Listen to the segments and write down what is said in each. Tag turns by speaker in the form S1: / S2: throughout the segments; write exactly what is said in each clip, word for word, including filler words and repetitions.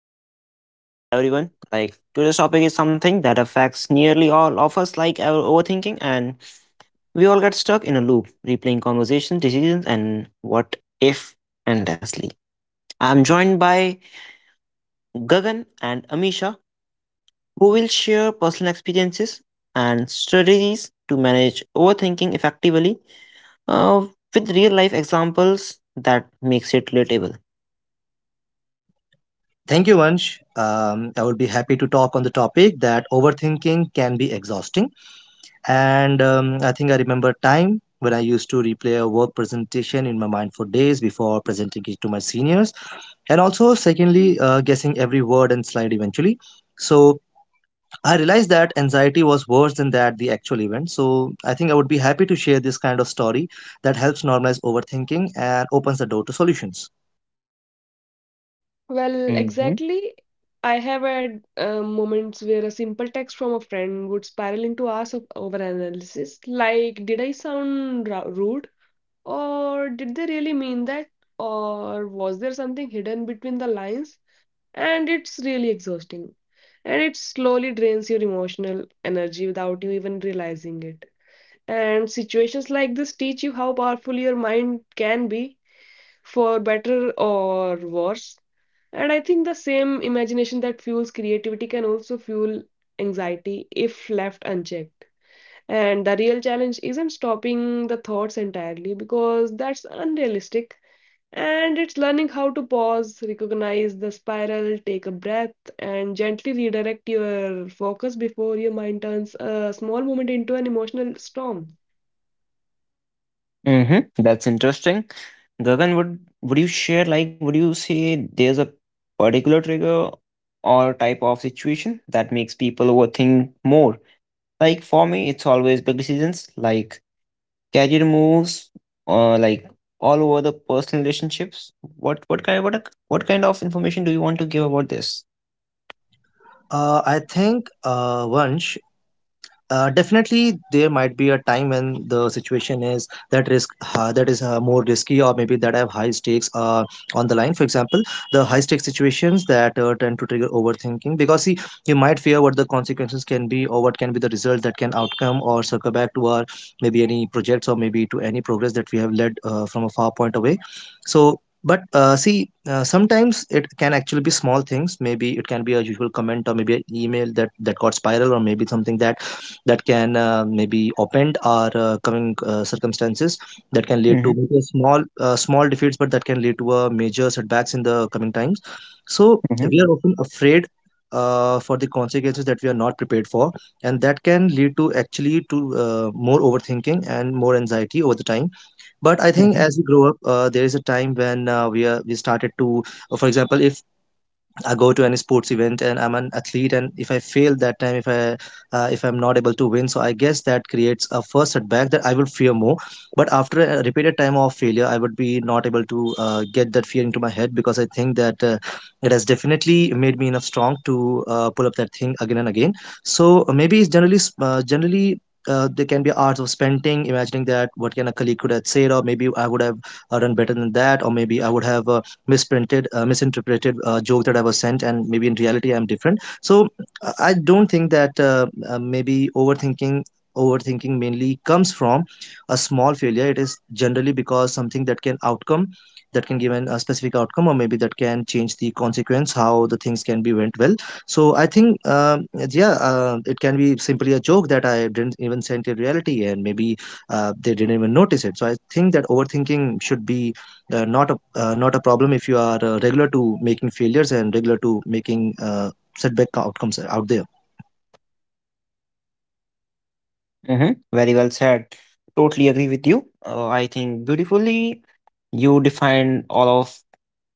S1: back to the podcast, everyone. Like today's topic is something that affects nearly all of us, like our overthinking, and we all get stuck in a loop, replaying conversations, decisions, and what if endlessly. I'm joined by Gagan and Amisha, who will share personal experiences and strategies to manage overthinking effectively, uh, with real life examples that makes it relatable.
S2: Thank you, Vansh. Um, I would be happy to talk on the topic that overthinking can be exhausting. And um, I think I remember a time when I used to replay a work presentation in my mind for days before presenting it to my seniors. And also, secondly, uh, guessing every word and slide eventually. So I realized that anxiety was worse than that the actual event. So I think I would be happy to share this kind of story that helps normalize overthinking and opens the door to solutions.
S3: Well,
S1: Mm-hmm.
S3: exactly. I have had uh, moments where a simple text from a friend would spiral into hours of overanalysis. Like, did I sound ra- rude? Or did they really mean that? Or was there something hidden between the lines? And it's really exhausting. And it slowly drains your emotional energy without you even realizing it. And situations like this teach you how powerful your mind can be, for better or worse. And I think the same imagination that fuels creativity can also fuel anxiety if left unchecked. And the real challenge isn't stopping the thoughts entirely because that's unrealistic. And it's learning how to pause, recognize the spiral, take a breath, and gently redirect your focus before your mind turns a small moment into an emotional storm.
S1: Mm-hmm. That's interesting. Gagan, would would you share, like would you say there's a particular trigger or type of situation that makes people overthink more? Like for me, it's always big decisions like career moves or like all over the personal relationships. What what kind what a- what kind of information do you want to give about this?
S2: Uh, I think, uh, Vansh, Uh, definitely, there might be a time when the situation is that risk uh, that is uh, more risky, or maybe that have high stakes uh, on the line. For example, the high stakes situations that uh, tend to trigger overthinking because, see, you might fear what the consequences can be, or what can be the results that can outcome, or circle back to our maybe any projects, or maybe to any progress that we have led uh, from a far point away. So. But uh, see, uh, sometimes it can actually be small things. Maybe it can be a usual comment, or maybe an email that that got spiral, or maybe something that that can uh, maybe upend our uh, coming uh, circumstances that can lead to
S1: Mm-hmm,
S2: maybe a small uh, small defeats but that can lead to a major setbacks in the coming times. So
S1: mm-hmm,
S2: we are often afraid uh, for the consequences that we are not prepared for, and that can lead to actually to uh, more overthinking and more anxiety over the time. But I think
S1: mm-hmm,
S2: as we grow up, uh, there is a time when uh, we are we started to, uh, for example, if I go to any sports event and I'm an athlete and if I fail that time, if I uh, if I'm not able to win, so I guess that creates a first setback that I will fear more. But after a repeated time of failure, I would be not able to uh, get that fear into my head because I think that uh, it has definitely made me enough strong to uh, pull up that thing again and again. So uh, maybe it's generally uh, generally uh, there can be arts of spending imagining that what can a colleague could have said, or maybe I would have uh, done better than that, or maybe I would have uh, misprinted uh, misinterpreted uh, joke that I was sent, and maybe in reality I'm different. So uh, I don't think that uh, uh, maybe overthinking overthinking mainly comes from a small failure. It is generally because something that can outcome, that can give an, a specific outcome, or maybe that can change the consequence how the things can be went well. So I think um, yeah, uh, it can be simply a joke that I didn't even send in reality, and maybe uh, they didn't even notice it. So I think that overthinking should be uh, not a uh, not a problem if you are uh, regular to making failures and regular to making uh, setback outcomes out there.
S1: mm-hmm. Very well said. Totally agree with you. Uh, I think beautifully you defined all of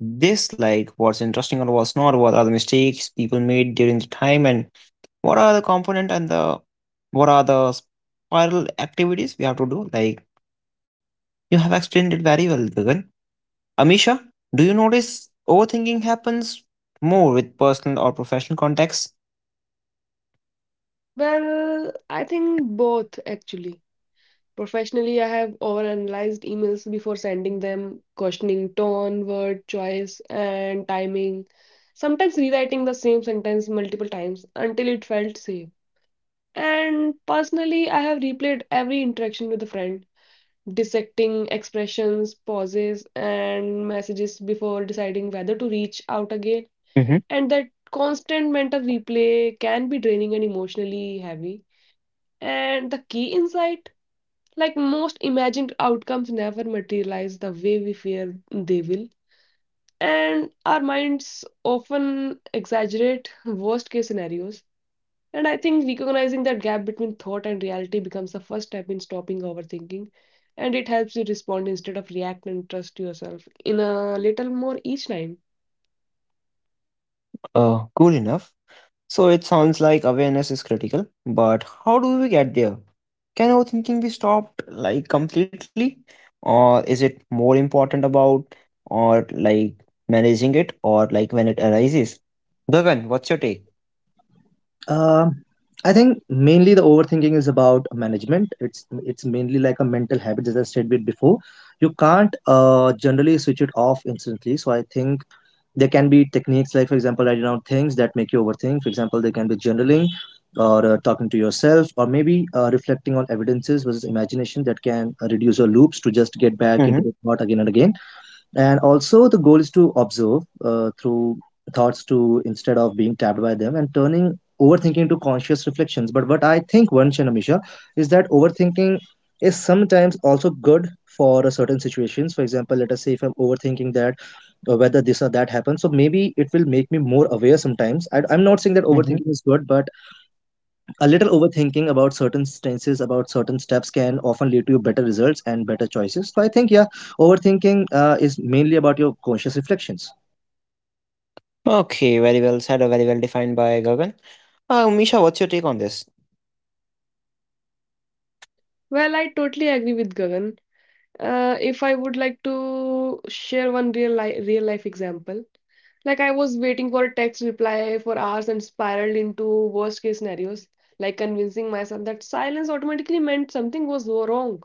S1: this, like what's interesting or what's not, what are the mistakes people made during the time, and what are the component and the what are the spiral activities we have to do. Like you have explained it very well, Gagan. Amisha, do you notice overthinking happens more with personal or professional context?
S3: Well, I think both actually. Professionally, I have overanalyzed emails before sending them, questioning tone, word choice, and timing. Sometimes rewriting the same sentence multiple times until it felt safe. And personally, I have replayed every interaction with a friend, dissecting expressions, pauses, and messages before deciding whether to reach out again.
S1: Hmm.
S3: And that constant mental replay can be draining and emotionally heavy. And the key insight like most imagined outcomes never materialize the way we fear they will, and our minds often exaggerate worst case scenarios. And I think recognizing that gap between thought and reality becomes the first step in stopping overthinking, and it helps you respond instead of react and trust yourself in a little more each time.
S1: Uh cool enough. So it sounds like awareness is critical, but how do we get there? Can overthinking be stopped like completely? Or is it more important about, or like, managing it, or like, when it arises? Gagan, what's your take?
S2: um, I think mainly the overthinking is about management. it's it's mainly like a mental habit, as I said bit before. You can't uh, generally switch it off instantly, so I think there can be techniques like, for example, writing down things that make you overthink. For example, there can be journaling, or uh, talking to yourself, or maybe uh, reflecting on evidences versus imagination that can uh, reduce your loops to just get back
S1: Mm-hmm.
S2: into the thought again and again. And also the goal is to observe uh, through thoughts to instead of being tapped by them and turning overthinking to conscious reflections. But what I think, once, and Amisha, is that overthinking is sometimes also good for a certain situations. For example, let us say if I'm overthinking that uh, whether this or that happens, so maybe it will make me more aware sometimes. I, I'm not saying that
S1: Mm-hmm.
S2: overthinking is good, but a little overthinking about certain stances, about certain steps can often lead to better results and better choices. So I think, yeah, overthinking uh, is mainly about your conscious reflections.
S1: Okay, very well said, or very well defined by Gagan. Uh, Misha, what's your take on this?
S3: Well, I totally agree with Gagan. Uh, if I would like to share one real life real life example, like I was waiting for a text reply for hours and spiraled into worst case scenarios, like convincing myself that silence automatically meant something was wrong,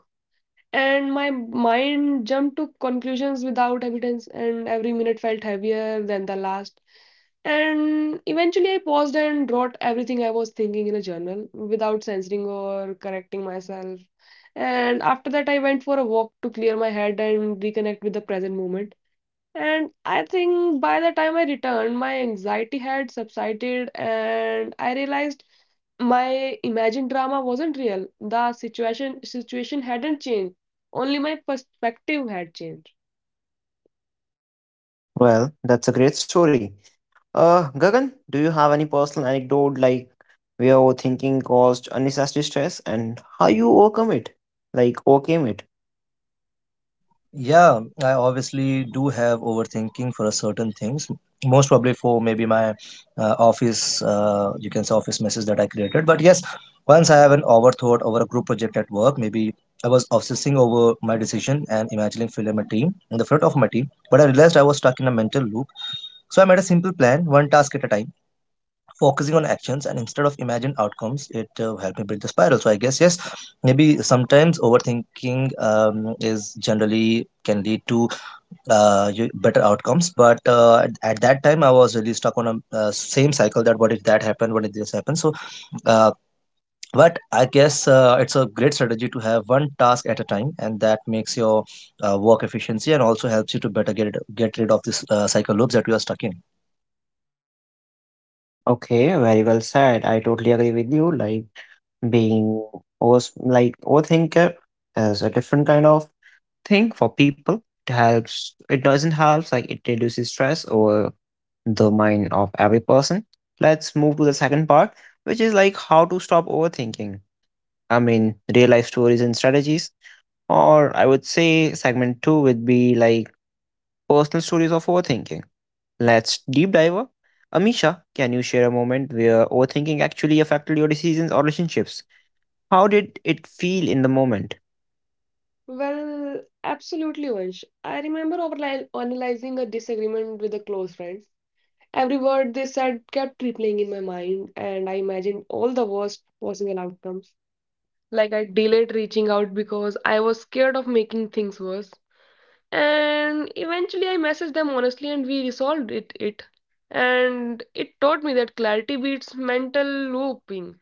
S3: and my mind jumped to conclusions without evidence, and every minute felt heavier than the last. And eventually I paused and wrote everything I was thinking in a journal without censoring or correcting myself. And after that I went for a walk to clear my head and reconnect with the present moment. And I think by the time I returned, my anxiety had subsided and I realized my imagined drama wasn't real. The situation situation hadn't changed. Only my perspective had changed.
S1: Well, that's a great story. Uh, Gagan, do you have any personal anecdote, like where overthinking caused unnecessary stress and how you overcome it? Like, overcame it?
S2: Yeah, I obviously do have overthinking for a certain things. Most probably for maybe my uh, office, uh, you can say office message that I created. But yes, once I have an overthought over a group project at work, maybe I was obsessing over my decision and imagining filling my team in the front of my team. But I realized I was stuck in a mental loop. So I made a simple plan, one task at a time, focusing on actions and instead of imagined outcomes. It uh, helped me break the spiral. So I guess yes, maybe sometimes overthinking um, is generally can lead to uh, you- better outcomes, but uh, at that time I was really stuck on a uh, same cycle that what if that happened, what if this happened. So uh, but I guess uh, it's a great strategy to have one task at a time, and that makes your uh, work efficiency and also helps you to better get, it, get rid of this uh, cycle loops that you are stuck in.
S1: Okay, very well said. I totally agree with you. Like, being over, like overthinker is a different kind of thing for people. It helps. It doesn't help. Like, it reduces stress over the mind of every person. Let's move to the second part, which is like how to stop overthinking. I mean, real life stories and strategies. Or I would say segment two would be like personal stories of overthinking. Let's deep dive. Amisha, can you share a moment where overthinking actually affected your decisions or relationships? How did it feel in the moment?
S3: Well, absolutely, Vansh. I remember overli- analyzing a disagreement with a close friend. Every word they said kept replaying in my mind, and I imagined all the worst possible outcomes. Like I delayed reaching out because I was scared of making things worse. And eventually I messaged them honestly and we resolved it it And it taught me that clarity beats mental looping.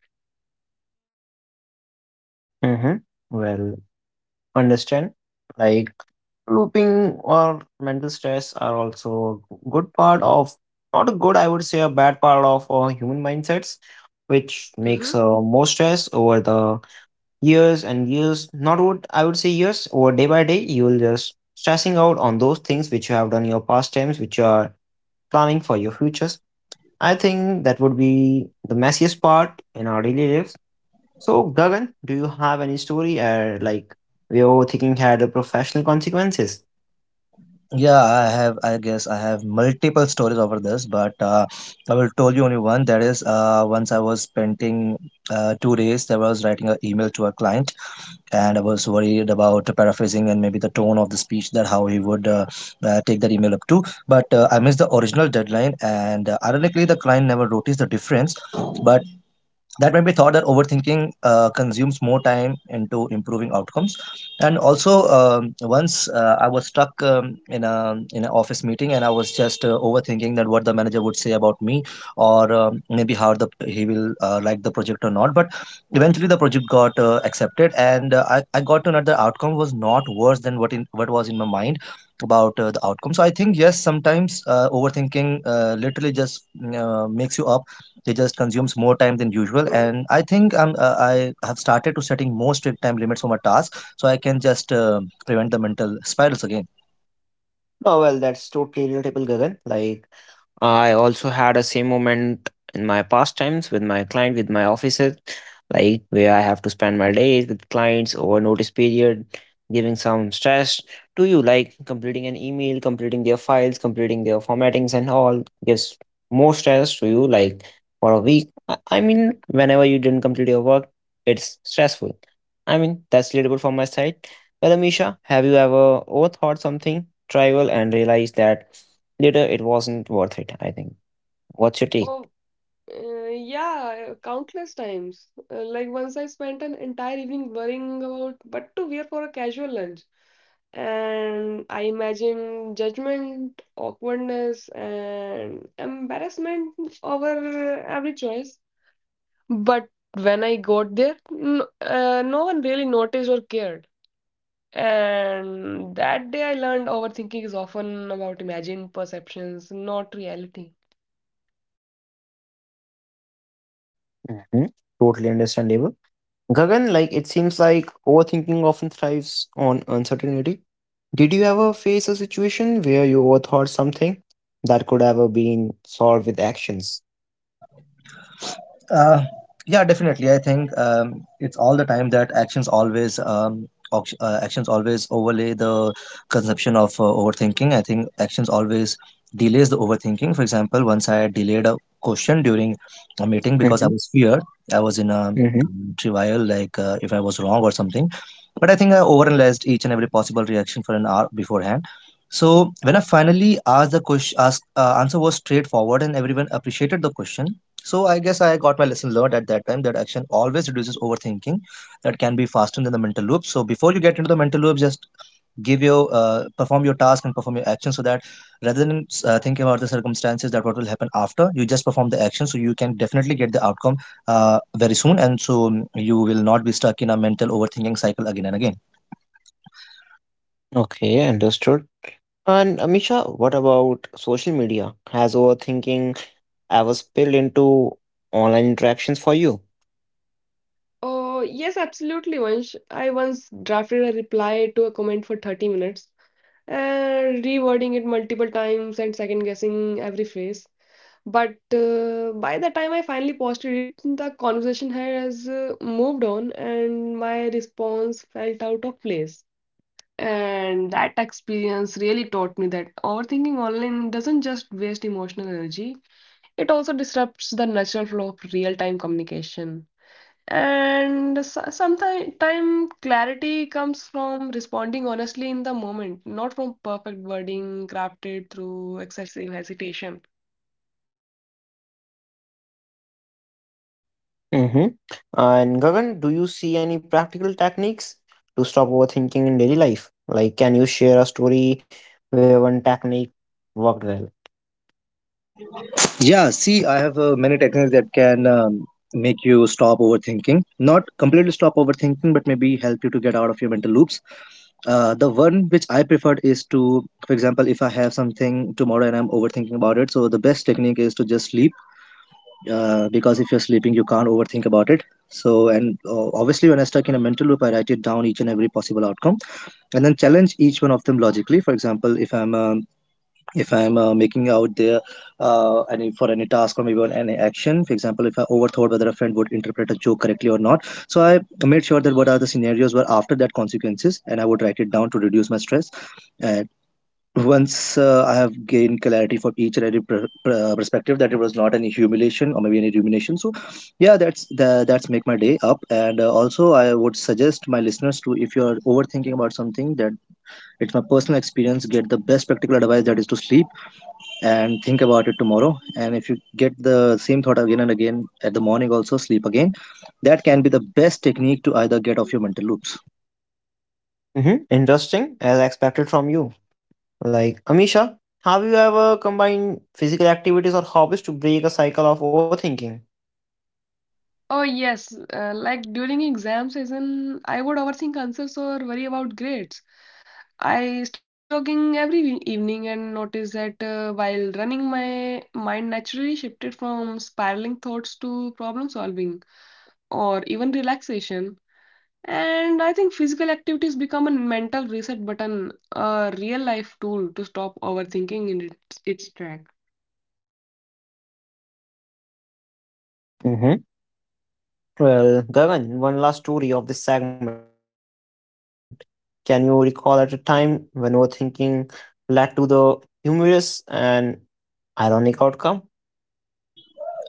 S1: Mm-hmm. Well, understand. Like looping or mental stress are also good part of, not a good, I would say a bad part of uh, human mindsets, which makes
S3: Hmm.
S1: uh, more stress over the years and years, not what I would say years or day by day, you will just stressing out on those things which you have done in your past times, which you are planning for your futures. I think that would be the messiest part in our daily lives. So Gagan, do you have any story uh, like where overthinking had a professional consequences?
S2: Yeah, I have. I guess I have multiple stories over this, but uh, I will tell you only one. That is, uh, once I was spending uh, two days, I was writing an email to a client, and I was worried about paraphrasing and maybe the tone of the speech that how he would uh, uh, take that email up to. But uh, I missed the original deadline, and uh, ironically, the client never noticed the difference. But that might be thought that overthinking uh, consumes more time into improving outcomes. And also um, once uh, I was stuck um, in a in an office meeting, and I was just uh, overthinking that what the manager would say about me, or um, maybe how the he will uh, like the project or not. But eventually the project got uh, accepted, and uh, I, I got to know the outcome was not worse than what in what was in my mind about uh, the outcome. So I think yes, sometimes uh, overthinking uh, literally just mm, uh, makes you up. They just consumes more time than usual. And I think um, uh, I have started to setting more strict time limits for my tasks, so I can just uh, prevent the mental spirals again.
S1: Oh well, that's totally relatable, Gagan. Like I also had a same moment in my past times with my client, with my offices, like where I have to spend my days with clients over notice period, giving some stress to you, like completing an email, completing their files, completing their formattings and all gives more stress to you, like for a week. I I mean, whenever you didn't complete your work, it's stressful. I mean, that's relatable from my side. Well, Amisha, have you ever overthought something trivial and realized that later it wasn't worth it? I think what's your take?
S3: Oh, uh, yeah, countless times. Uh, like once I spent an entire evening worrying about what to wear for a casual lunch, and I imagined judgment, awkwardness, and embarrassment over every choice. But when I got there, n- uh, no one really noticed or cared. And that day I learned overthinking is often about imagined perceptions, not reality.
S1: Hmm. Totally understandable. Gagan, like it seems like overthinking often thrives on uncertainty. Did you ever face a situation where you overthought something that could have been solved with actions?
S2: Uh, yeah, definitely. I think um, it's all the time that actions always um, oct- uh, actions always overlay the consumption of uh, overthinking. I think actions always delays the overthinking. For example, once I delayed a question during a meeting because I
S1: Hmm.
S2: was feared. I was in a um,
S1: Hmm.
S2: trivial, like uh, if I was wrong or something. But I think I overanalyzed each and every possible reaction for an hour beforehand. So when I finally asked the question, asked uh, answer was straightforward and everyone appreciated the question. So I guess I got my lesson learned at that time that action always reduces overthinking, that can be faster than the mental loop. So before you get into the mental loop, just give your uh, perform your task and perform your action, so that rather than uh, thinking about the circumstances that what will happen after, you just perform the action so you can definitely get the outcome uh, very soon, and so you will not be stuck in a mental overthinking cycle again and again.
S1: Okay, understood. And Amisha, what about social media? Has overthinking ever spilled into online interactions for you?
S3: Oh, yes, absolutely, Vansh. I once drafted a reply to a comment for thirty minutes, and rewording it multiple times and second guessing every phrase. But uh, by the time I finally posted it, the conversation has uh, moved on, and my response felt out of place. And that experience really taught me that overthinking online doesn't just waste emotional energy, it also disrupts the natural flow of real time communication. And sometimes clarity comes from responding honestly in the moment, not from perfect wording crafted through excessive hesitation.
S1: Mm-hmm. And Gagan, do you see any practical techniques to stop overthinking in daily life? Like, can you share a story where one technique worked well?
S2: Yeah, see, I have uh, many techniques that can um, make you stop overthinking. Not completely stop overthinking, but maybe help you to get out of your mental loops. Uh, the one which I preferred is to, for example, if I have something tomorrow and I'm overthinking about it, so the best technique is to just sleep, uh, because if you're sleeping, you can't overthink about it. So, and uh, obviously, when I stuck in a mental loop, I write it down each and every possible outcome, and then challenge each one of them logically. For example, if I'm um, if i'm uh, making out there, uh, any for any task or maybe on any action. For example, if I overthought whether a friend would interpret a joke correctly or not, so I made sure that what are the scenarios were after that consequences, and I would write it down to reduce my stress. And once uh, I have gained clarity for each and every per- per- uh, perspective that it was not any humiliation or maybe any rumination. So yeah, that's the, that's make my day up. And uh, also, I would suggest my listeners to, if you're overthinking about something, that it's my personal experience, get the best practical advice that is to sleep and think about it tomorrow. And if you get the same thought again and again at the morning, also sleep again. That can be the best technique to either get off your mental loops.
S1: Mm-hmm. Interesting, as I expected from you. Like, Amisha, have you ever combined physical activities or hobbies to break a cycle of overthinking?
S3: Oh yes, uh, like during exam season, I would overthink answers or worry about grades. I started jogging every e- evening and noticed that uh, while running, my mind naturally shifted from spiraling thoughts to problem solving or even relaxation. And I think physical activities become a mental reset button, a real life tool to stop overthinking in its, its track.
S1: Mm-hmm. Well, Gagan, one last story of this segment. Can you recall at a time when overthinking led to the humorous and ironic outcome?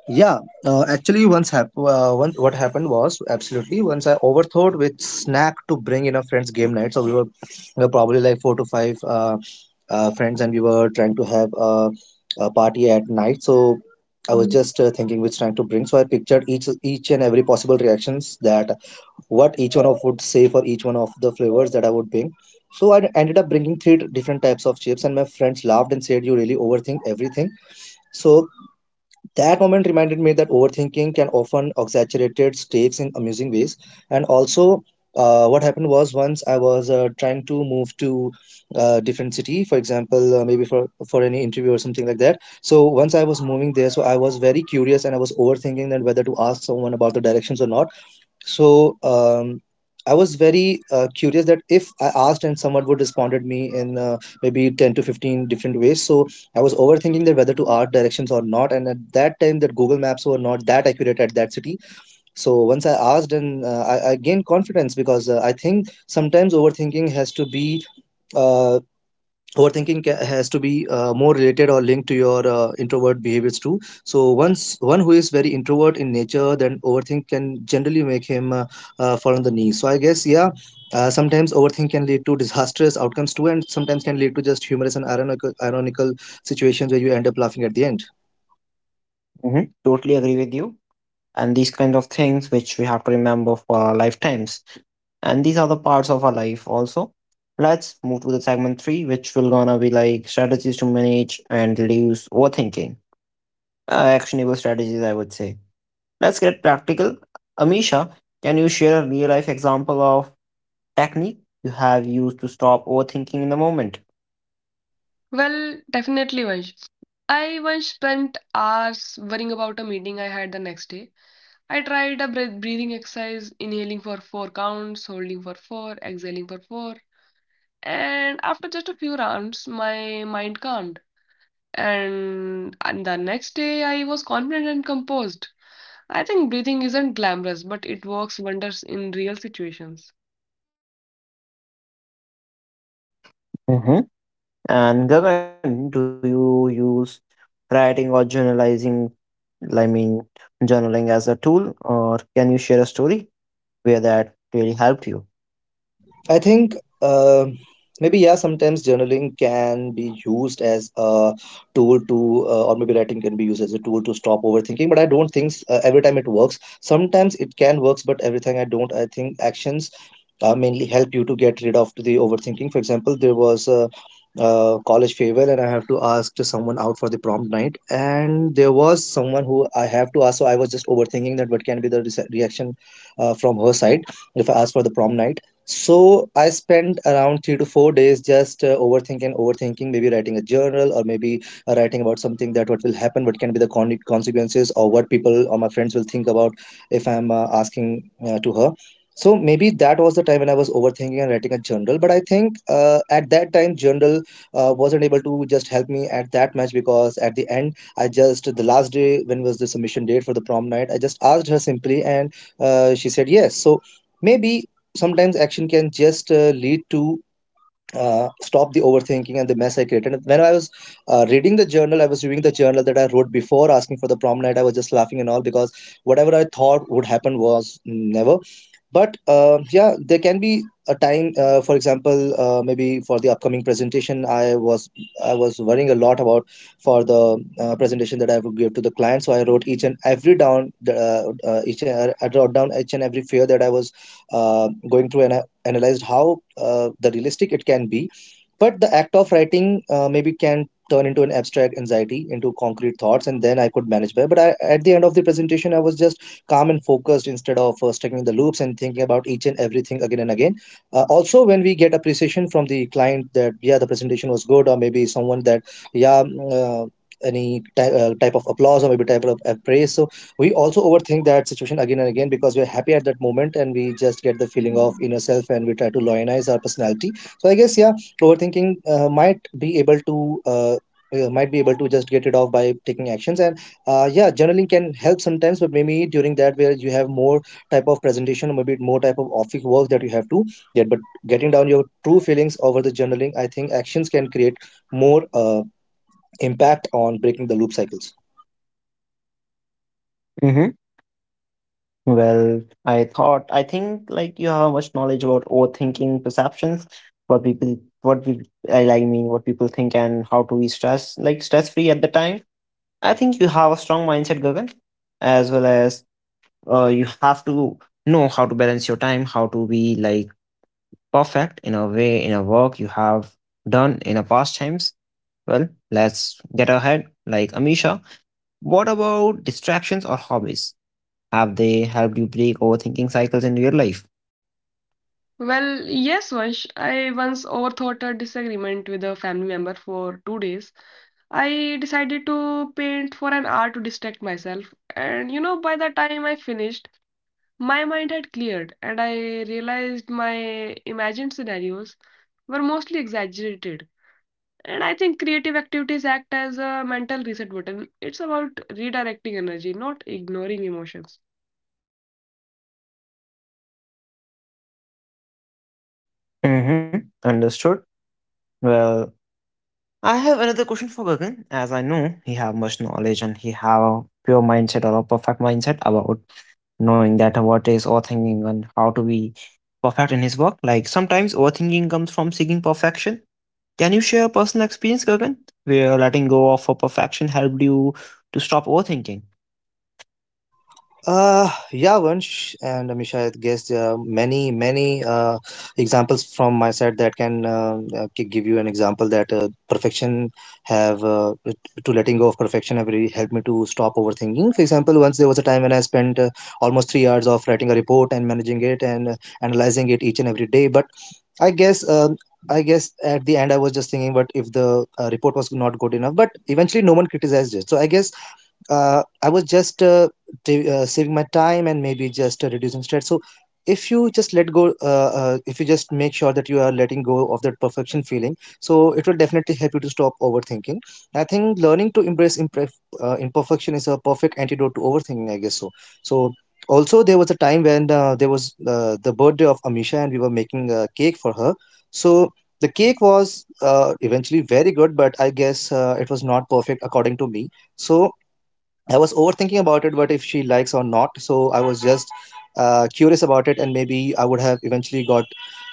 S2: Yeah. Uh, actually, once hap- uh, one, what happened was, absolutely, once I overthought with snack to bring in a friend's game night. So we were we probably like four to five uh, uh, friends, and we were trying to have a, a party at night. So I was just uh, thinking which snack to bring, so I pictured each each and every possible reactions that what each one of would say for each one of the flavors that I would bring. So I ended up bringing three different types of chips, and my friends laughed and said, "You really overthink everything." So that moment reminded me that overthinking can often exaggerated stakes in amusing ways. And also. Uh, what happened was, once I was uh, trying to move to a different city, for example, uh, maybe for for any interview or something like that. So once I was moving there, so I was very curious, and I was overthinking that whether to ask someone about the directions or not. So um, I was very uh, curious that if I asked and someone would responded me in uh, maybe ten to fifteen different ways. So I was overthinking that whether to ask directions or not. And at that time, that Google Maps were not that accurate at that city. So once I asked, and uh, I, I gained confidence, because uh, I think sometimes overthinking has to be uh, overthinking ca- has to be uh, more related or linked to your uh, introvert behaviors too. So once one who is very introvert in nature, then overthink can generally make him uh, uh, fall on the knees. So I guess yeah, uh, sometimes overthink can lead to disastrous outcomes too, and sometimes can lead to just humorous and ironical, ironical situations where you end up laughing at the end.
S1: Hmm. Totally agree with you. And these kind of things which we have to remember for our lifetimes. And these are the parts of our life also. Let's move to the segment three, which will gonna be like strategies to manage and reduce overthinking. Uh, actionable strategies, I would say. Let's get practical. Amisha, can you share a real life example of technique you have used to stop overthinking in the moment?
S3: Well, definitely, Vansh. I once spent hours worrying about a meeting I had the next day. I tried a breath breathing exercise, inhaling for four counts, holding for four, exhaling for four, and after just a few rounds, my mind calmed. And, and the next day, I was confident and composed. I think breathing isn't glamorous, but it works wonders in real situations.
S1: Hmm. And Gagan, do you use writing or journalizing, I mean, journaling as a tool, or can you share a story where that really helped you?
S2: I think uh, maybe yeah, sometimes journaling can be used as a tool to, uh, or maybe writing can be used as a tool to stop overthinking. But I don't think uh, every time it works. Sometimes it can works, but every time I don't. I think actions uh, mainly help you to get rid of the overthinking. For example, there was a, uh college farewell, and I have to ask to someone out for the prom night, and there was someone who I have to ask. So I was just overthinking that what can be the re- reaction uh, from her side if I ask for the prom night. So I spent around three to four days just uh, overthinking, overthinking, maybe writing a journal or maybe uh, writing about something that what will happen, what can be the con- consequences, or what people or my friends will think about if I'm uh, asking uh, to her. So maybe that was the time when I was overthinking and writing a journal. But I think uh, at that time, journal uh, wasn't able to just help me at that much, because at the end, I just the last day when was the submission date for the prom night, I just asked her simply, and uh, she said yes. So maybe sometimes action can just uh, lead to, uh, stop the overthinking and the mess I created. And when I was uh, reading the journal, I was reviewing the journal that I wrote before asking for the prom night. I was just laughing and all because whatever I thought would happen was never. But uh, yeah, there can be a time. Uh, for example, uh, maybe for the upcoming presentation, I was I was worrying a lot about for the uh, presentation that I would give to the client. So I wrote each and every down, the, uh, uh, each uh, I wrote down each and every fear that I was uh, going through, and I analyzed how uh, the realistic it can be. But the act of writing uh, maybe can turn into an abstract anxiety, into concrete thoughts, and then I could manage better. But I, at the end of the presentation, I was just calm and focused instead of uh, stuck in the loops and thinking about each and everything again and again. Uh, also, when we get appreciation from the client that, yeah, the presentation was good, or maybe someone that, yeah, mm, uh, any ty- uh, type of applause or maybe type of praise. So we also overthink that situation again and again, because we're happy at that moment and we just get the feeling of inner self and we try to lionize our personality. So I guess yeah, overthinking uh, might be able to uh, uh, might be able to just get it off by taking actions. And uh, yeah, journaling can help sometimes, but maybe during that where you have more type of presentation or maybe more type of office work that you have to get. But getting down your true feelings over the journaling, I think actions can create more uh, impact on breaking the loop cycles.
S1: Hmm. Well, I thought, I think like you have much knowledge about overthinking perceptions, what people, what we, I like, mean, what people think and how to be stress, like stress free at the time. I think you have a strong mindset, Gagan, as well as uh, you have to know how to balance your time, how to be like perfect in a way in a work you have done in a past times. Well, let's get ahead. Like Amisha, what about distractions or hobbies? Have they helped you break overthinking cycles in your life?
S3: Well, yes, Vansh. I once overthought a disagreement with a family member for two days. I decided to paint for an hour to distract myself, and you know, by the time I finished, my mind had cleared, and I realized my imagined scenarios were mostly exaggerated. And I think creative activities act as a mental reset button. It's about redirecting energy, not ignoring emotions.
S1: Mm-hmm. Understood. Well, I have another question for Gagan, as I know he have much knowledge and he have a pure mindset or a perfect mindset about knowing that what is overthinking and how to be perfect in his work. Like sometimes overthinking comes from seeking perfection. Can you share a personal experience, Gagan, where letting go of a perfection helped you to stop overthinking?
S2: Uh, yeah, Vansh and Amisha, I guess there are many, many uh, examples from my side that can uh, uh, gi- give you an example that uh, perfection have uh, it- to letting go of perfection have really helped me to stop overthinking. For example, once there was a time when I spent uh, almost three hours of writing a report and managing it, and uh, analyzing it each and every day. But I guess. Um, I guess at the end I was just thinking, but if the uh, report was not good enough, but eventually no one criticized it. So I guess uh, I was just uh, t- uh, saving my time and maybe just uh, reducing stress. So, if you just let go, uh, uh, if you just make sure that you are letting go of that perfection feeling, so it will definitely help you to stop overthinking. I think learning to embrace imperf- uh, imperfection is a perfect antidote to overthinking, I guess so. So, also, there was a time when uh, there was uh, the birthday of Amisha and we were making a cake for her. So, the cake was uh, eventually very good, but I guess uh, it was not perfect according to me. So, I was overthinking about it, what if she likes or not. So I was just uh, curious about it, and maybe I would have eventually got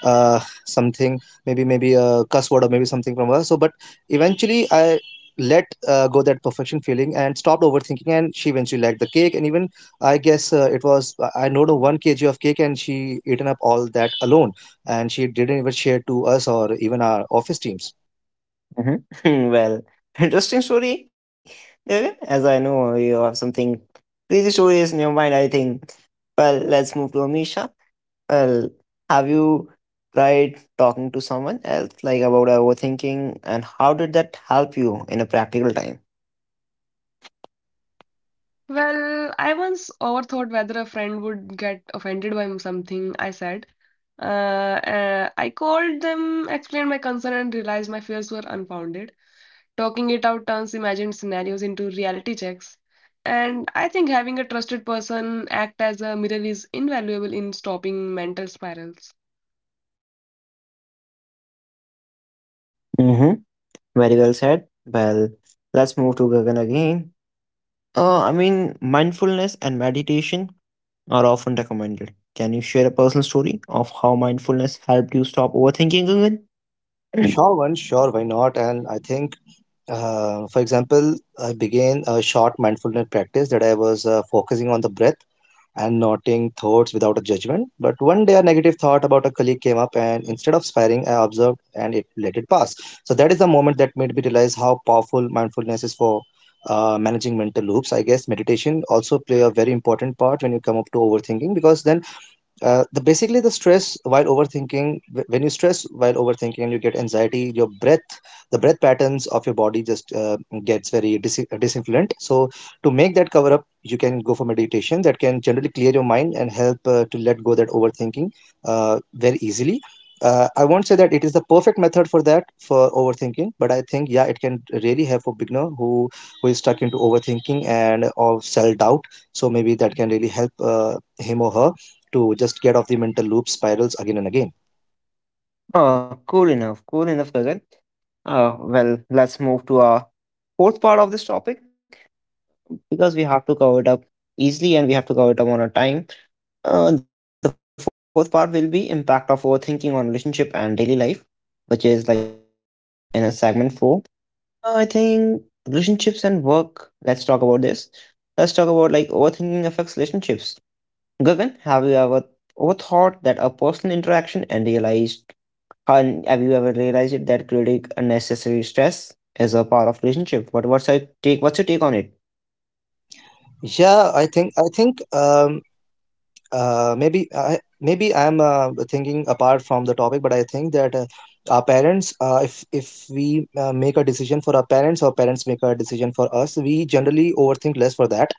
S2: uh, something, maybe maybe a cuss word or maybe something from her. So, but eventually I let uh, go that perfection feeling and stopped overthinking, and she eventually liked the cake. And even I guess uh, it was I know the one kg of cake, and she eaten up all that alone, and she didn't even share to us or even our office teams.
S1: Hmm. Well, interesting story, Gagan. As I know, you have something crazy stories in your mind, I think. Well, let's move to Amisha. Well, have you tried talking to someone else, like about overthinking, and how did that help you in a practical time?
S3: Well, I once overthought whether a friend would get offended by something I said. Uh, uh, I called them, explained my concern, and realized my fears were unfounded. Talking it out turns imagined scenarios into reality checks. And I think having a trusted person act as a mirror is invaluable in stopping mental spirals.
S1: Very well said. Well, let's move to Gagan again. Uh, I mean, mindfulness and meditation are often recommended. Can you share a personal story of how mindfulness helped you stop overthinking, Gagan?
S2: Sure, one, sure, why not? And I think Uh, for example, I began a short mindfulness practice that I was uh, focusing on the breath and noting thoughts without a judgment. But one day, a negative thought about a colleague came up, and instead of sparring, I observed and it let it pass. So that is the moment that made me realize how powerful mindfulness is for uh, managing mental loops. I guess meditation also play a very important part when you come up to overthinking, because then uh, the basically the stress while overthinking, wh- when you stress while overthinking and you get anxiety, your breath the breath patterns of your body just uh, gets very dis- uh, disinfluent. So to make that cover up, you can go for meditation that can generally clear your mind and help uh, to let go that overthinking uh, very easily. uh, I won't say that it is the perfect method for that, for overthinking, but I think yeah, it can really help a beginner who who is stuck into overthinking and of self doubt. So maybe that can really help uh, him or her to just get off the mental loop spirals again and again.
S1: Oh, cool enough. Cool enough, Gagan. Uh, well, let's move to our fourth part of this topic, because we have to cover it up easily and we have to cover it up on our time. Uh, the fourth part will be impact of overthinking on relationship and daily life, which is like in a segment four. Uh, I think relationships and work. Let's talk about this. Let's talk about like overthinking affects relationships. Gagan, have you ever overthought that a personal interaction and realized, and have you ever realized that creating unnecessary stress is a part of relationship? What what's your take? What's your take on it?
S2: Yeah, I think I think um, uh, maybe I maybe I'm uh, thinking apart from the topic, but I think that uh, our parents, uh, if if we uh, make a decision for our parents, our parents make a decision for us. We generally overthink less for that.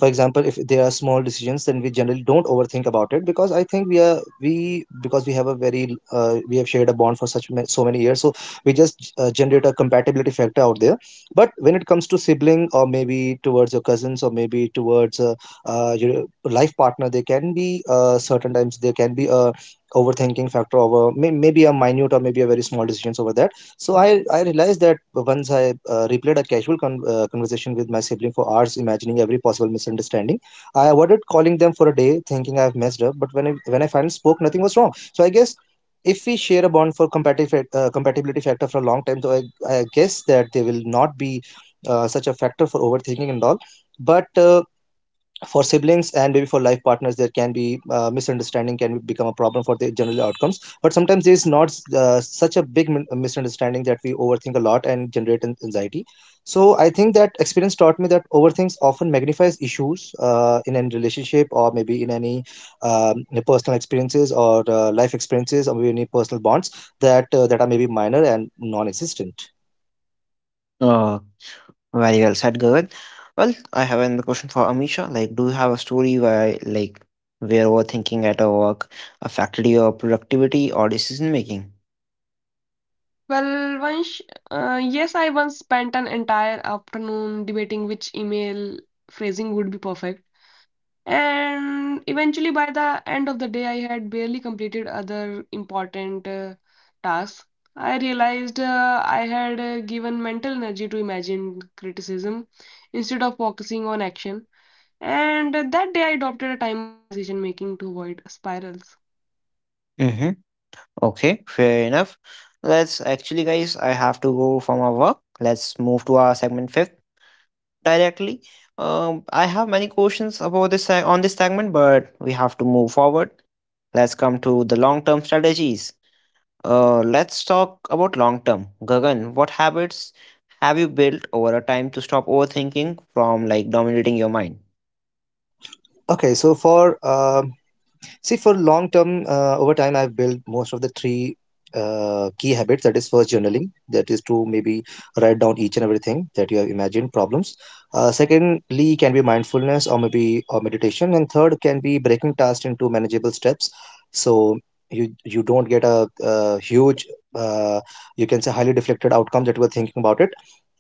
S2: For example, if there are small decisions, then we generally don't overthink about it because I think we are we because we have a very uh, we have shared a bond for such ma- so many years, so we just uh, generate a compatibility factor out there. But when it comes to sibling, or maybe towards your cousins, or maybe towards uh, uh, your life partner, there can be uh, certain times there can be a overthinking factor over may- maybe a minute or maybe a very small decisions over that. So I, I realized that once I uh, replayed a casual con- uh, conversation with my sibling for hours, imagining every possible misunderstanding. I avoided calling them for a day, thinking I've messed up. But when I, when I finally spoke, nothing was wrong. So I guess if we share a bond for compatibility uh, compatibility factor for a long time, though I, I guess that they will not be uh, such a factor for overthinking and all. But uh, for siblings and maybe for life partners, there can be uh, misunderstanding can become a problem for the general outcomes, but sometimes there is not uh, such a big min- misunderstanding that we overthink a lot and generate an- anxiety. So I think that experience taught me that overthinks often magnifies issues uh, in any relationship or maybe in any um, personal experiences, or uh, life experiences, or maybe any personal bonds that uh, that are maybe minor and non-existent.
S1: Uh, Very well said, Gagan. Well, I have another question for Amisha. Like, do you have a story where like where overthinking at a work affected your productivity or decision making?
S3: Well, Vansh, uh, yes, I once spent an entire afternoon debating which email phrasing would be perfect. And eventually, by the end of the day, I had barely completed other important uh, tasks. I realized uh, I had uh, given mental energy to imagine criticism instead of focusing on action. And that day, I adopted a timer for decision making to avoid spirals.
S1: Mm-hmm. Okay, fair enough. Let's actually, guys, I have to go for my work. Let's move to our segment fifth directly. Um, I have many questions about this se- on this segment, but we have to move forward. Let's come to the long term strategies. Uh, let's talk about long term. Gagan, what habits have you built over a time to stop overthinking from like dominating your mind?
S2: Okay so for um see, for long term, uh, over time, I've built most of the three uh, key habits. That is, first, journaling. That is to maybe write down each and everything that you have imagined problems. Uh, secondly, can be mindfulness or maybe or meditation. And third can be breaking tasks into manageable steps. So you you don't get a uh huge, uh, you can say, highly deflected outcome that you were thinking about it.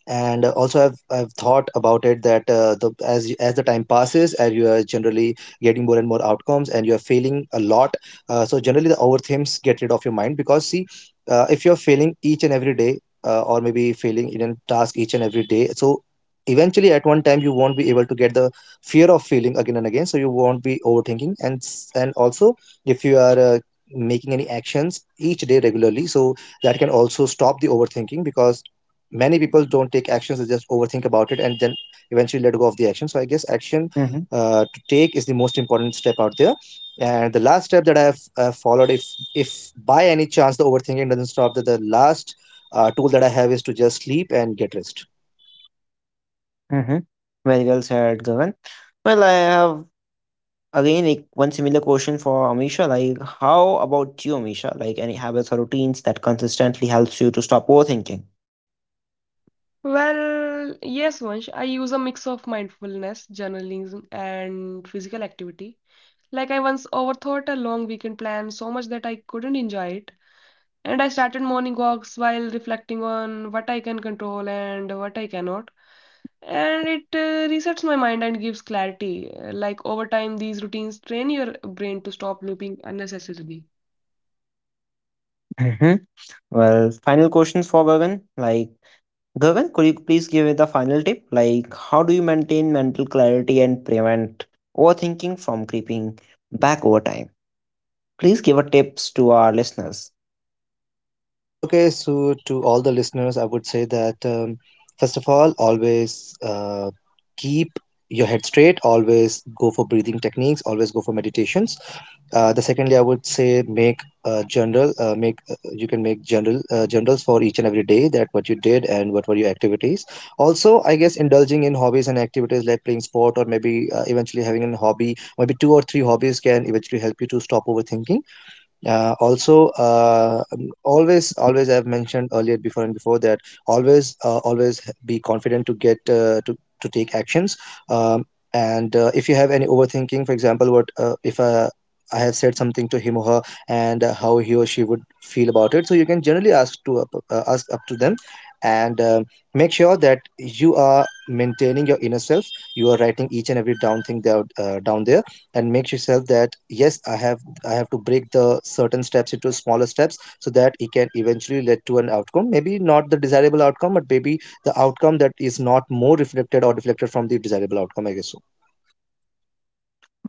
S2: And uh, also I've I've thought about it that uh, the as you- as the time passes, as you are generally getting more and more outcomes and you are failing a lot, uh, so generally the overthinks get rid of your mind. Because, see, uh, if you're failing each and every day, uh, or maybe failing in a task each and every day, so eventually at one time you won't be able to get the fear of failing again and again, so you won't be overthinking. And s- and also, if you are uh, making any actions each day regularly, so that can also stop the overthinking, because many people don't take actions, they just overthink about it and then eventually let go of the action. So I guess
S1: Mm-hmm.
S2: action uh, to take is the most important step out there. And the last step that I have uh, followed, if if by any chance the overthinking doesn't stop, that the last uh, tool that I have is to just sleep and get rest.
S1: Mm-hmm. Very well said, Gagan. Well, I have again, like one similar question for Amisha. Like, how about you, Amisha? Like, any habits or routines that consistently helps you to stop overthinking?
S3: Well, yes, Vansh, I use a mix of mindfulness, journalism, and physical activity. Like, I once overthought a long weekend plan so much that I couldn't enjoy it. And I started morning walks while reflecting on what I can control and what I cannot. And it uh, resets my mind and gives clarity. Uh, Like over time, these routines train your brain to stop looping unnecessarily.
S1: Mhm. Well, final questions for Gagan. Like, Gagan, could you please give it the final tip? Like, how do you maintain mental clarity and prevent overthinking from creeping back over time? Please give a tips to our listeners.
S2: Okay, so to all the listeners, I would say that um, first of all, always uh, keep your head straight, always go for breathing techniques, always go for meditations. Uh, the secondly, I would say, make uh, general, uh, make uh, you can make general, uh, generals for each and every day, that what you did and what were your activities. Also, I guess indulging in hobbies and activities like playing sport, or maybe uh, eventually having a hobby, maybe two or three hobbies, can eventually help you to stop overthinking. uh, also, uh, um, always, always, I've mentioned earlier before and before that, always, uh, always be confident to get uh, to to take actions. Um, and uh, if you have any overthinking, for example, what uh, if uh, I have said something to him or her, and uh, how he or she would feel about it. So you can generally ask to up, uh, ask up to them, and uh, make sure that you are maintaining your inner self. You are writing each and every down thing there, uh, down there, and make yourself that, yes, I have i have to break the certain steps into smaller steps, so that it can eventually lead to an outcome, maybe not the desirable outcome, but maybe the outcome that is not more reflected or deflected from the desirable outcome, I guess so.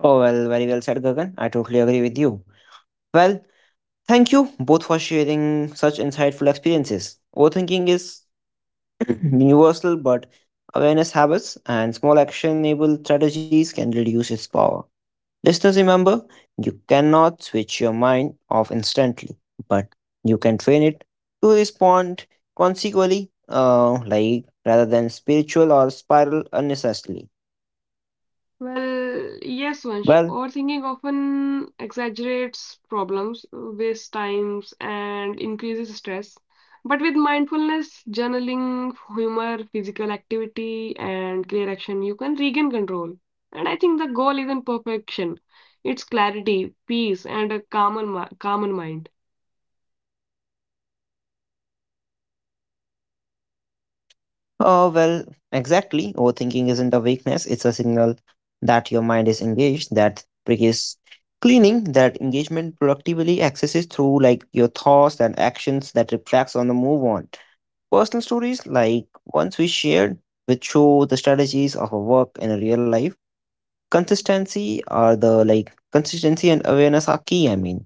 S1: Oh, well, very well said, Gagan. I totally agree with you. Well, thank you both for sharing such insightful experiences. Overthinking is universal, but awareness habits and small actionable strategies can reduce its power. Listeners, remember, you cannot switch your mind off instantly, but you can train it to respond consequently, uh, like rather than spiritual or spiral unnecessarily.
S3: Well, yes, Vansh.
S1: Well,
S3: Overthinking often exaggerates problems, wastes times, and increases stress. But with mindfulness, journaling, humor, physical activity, and clear action, you can regain control. And I think the goal isn't perfection. It's clarity, peace, and a calmer, mi- calmer mind.
S1: oh, well, exactly. Overthinking isn't a weakness, it's a signal that your mind is engaged, that brick is cleaning, that engagement productively accesses through like your thoughts and actions that reflects on the move on. Personal stories like ones we shared, which show the strategies of a work in a real life. Consistency are the, like consistency and awareness are key, I mean.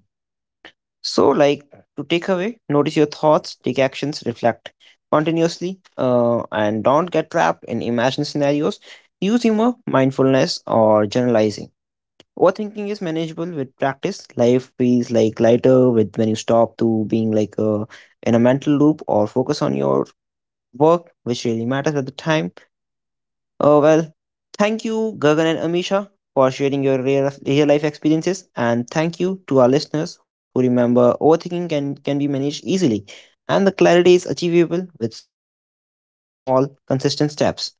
S1: So like to take away, notice your thoughts, take actions, reflect continuously, uh, and don't get trapped in imagined scenarios. Use humor, mindfulness, or generalizing. Overthinking is manageable with practice. Life feels like lighter with when you stop to being like a in a mental loop or focus on your work, which really matters at the time. Oh well, thank you, Gagan and Amisha, for sharing your real, real life experiences. And thank you to our listeners who remember overthinking can, can be managed easily and the clarity is achievable with small, consistent steps.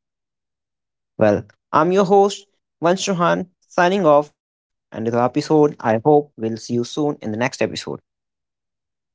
S1: Well, I'm your host, Vansh Chauhan, signing off. And with the episode, I hope we'll see you soon in the next episode. Peace out.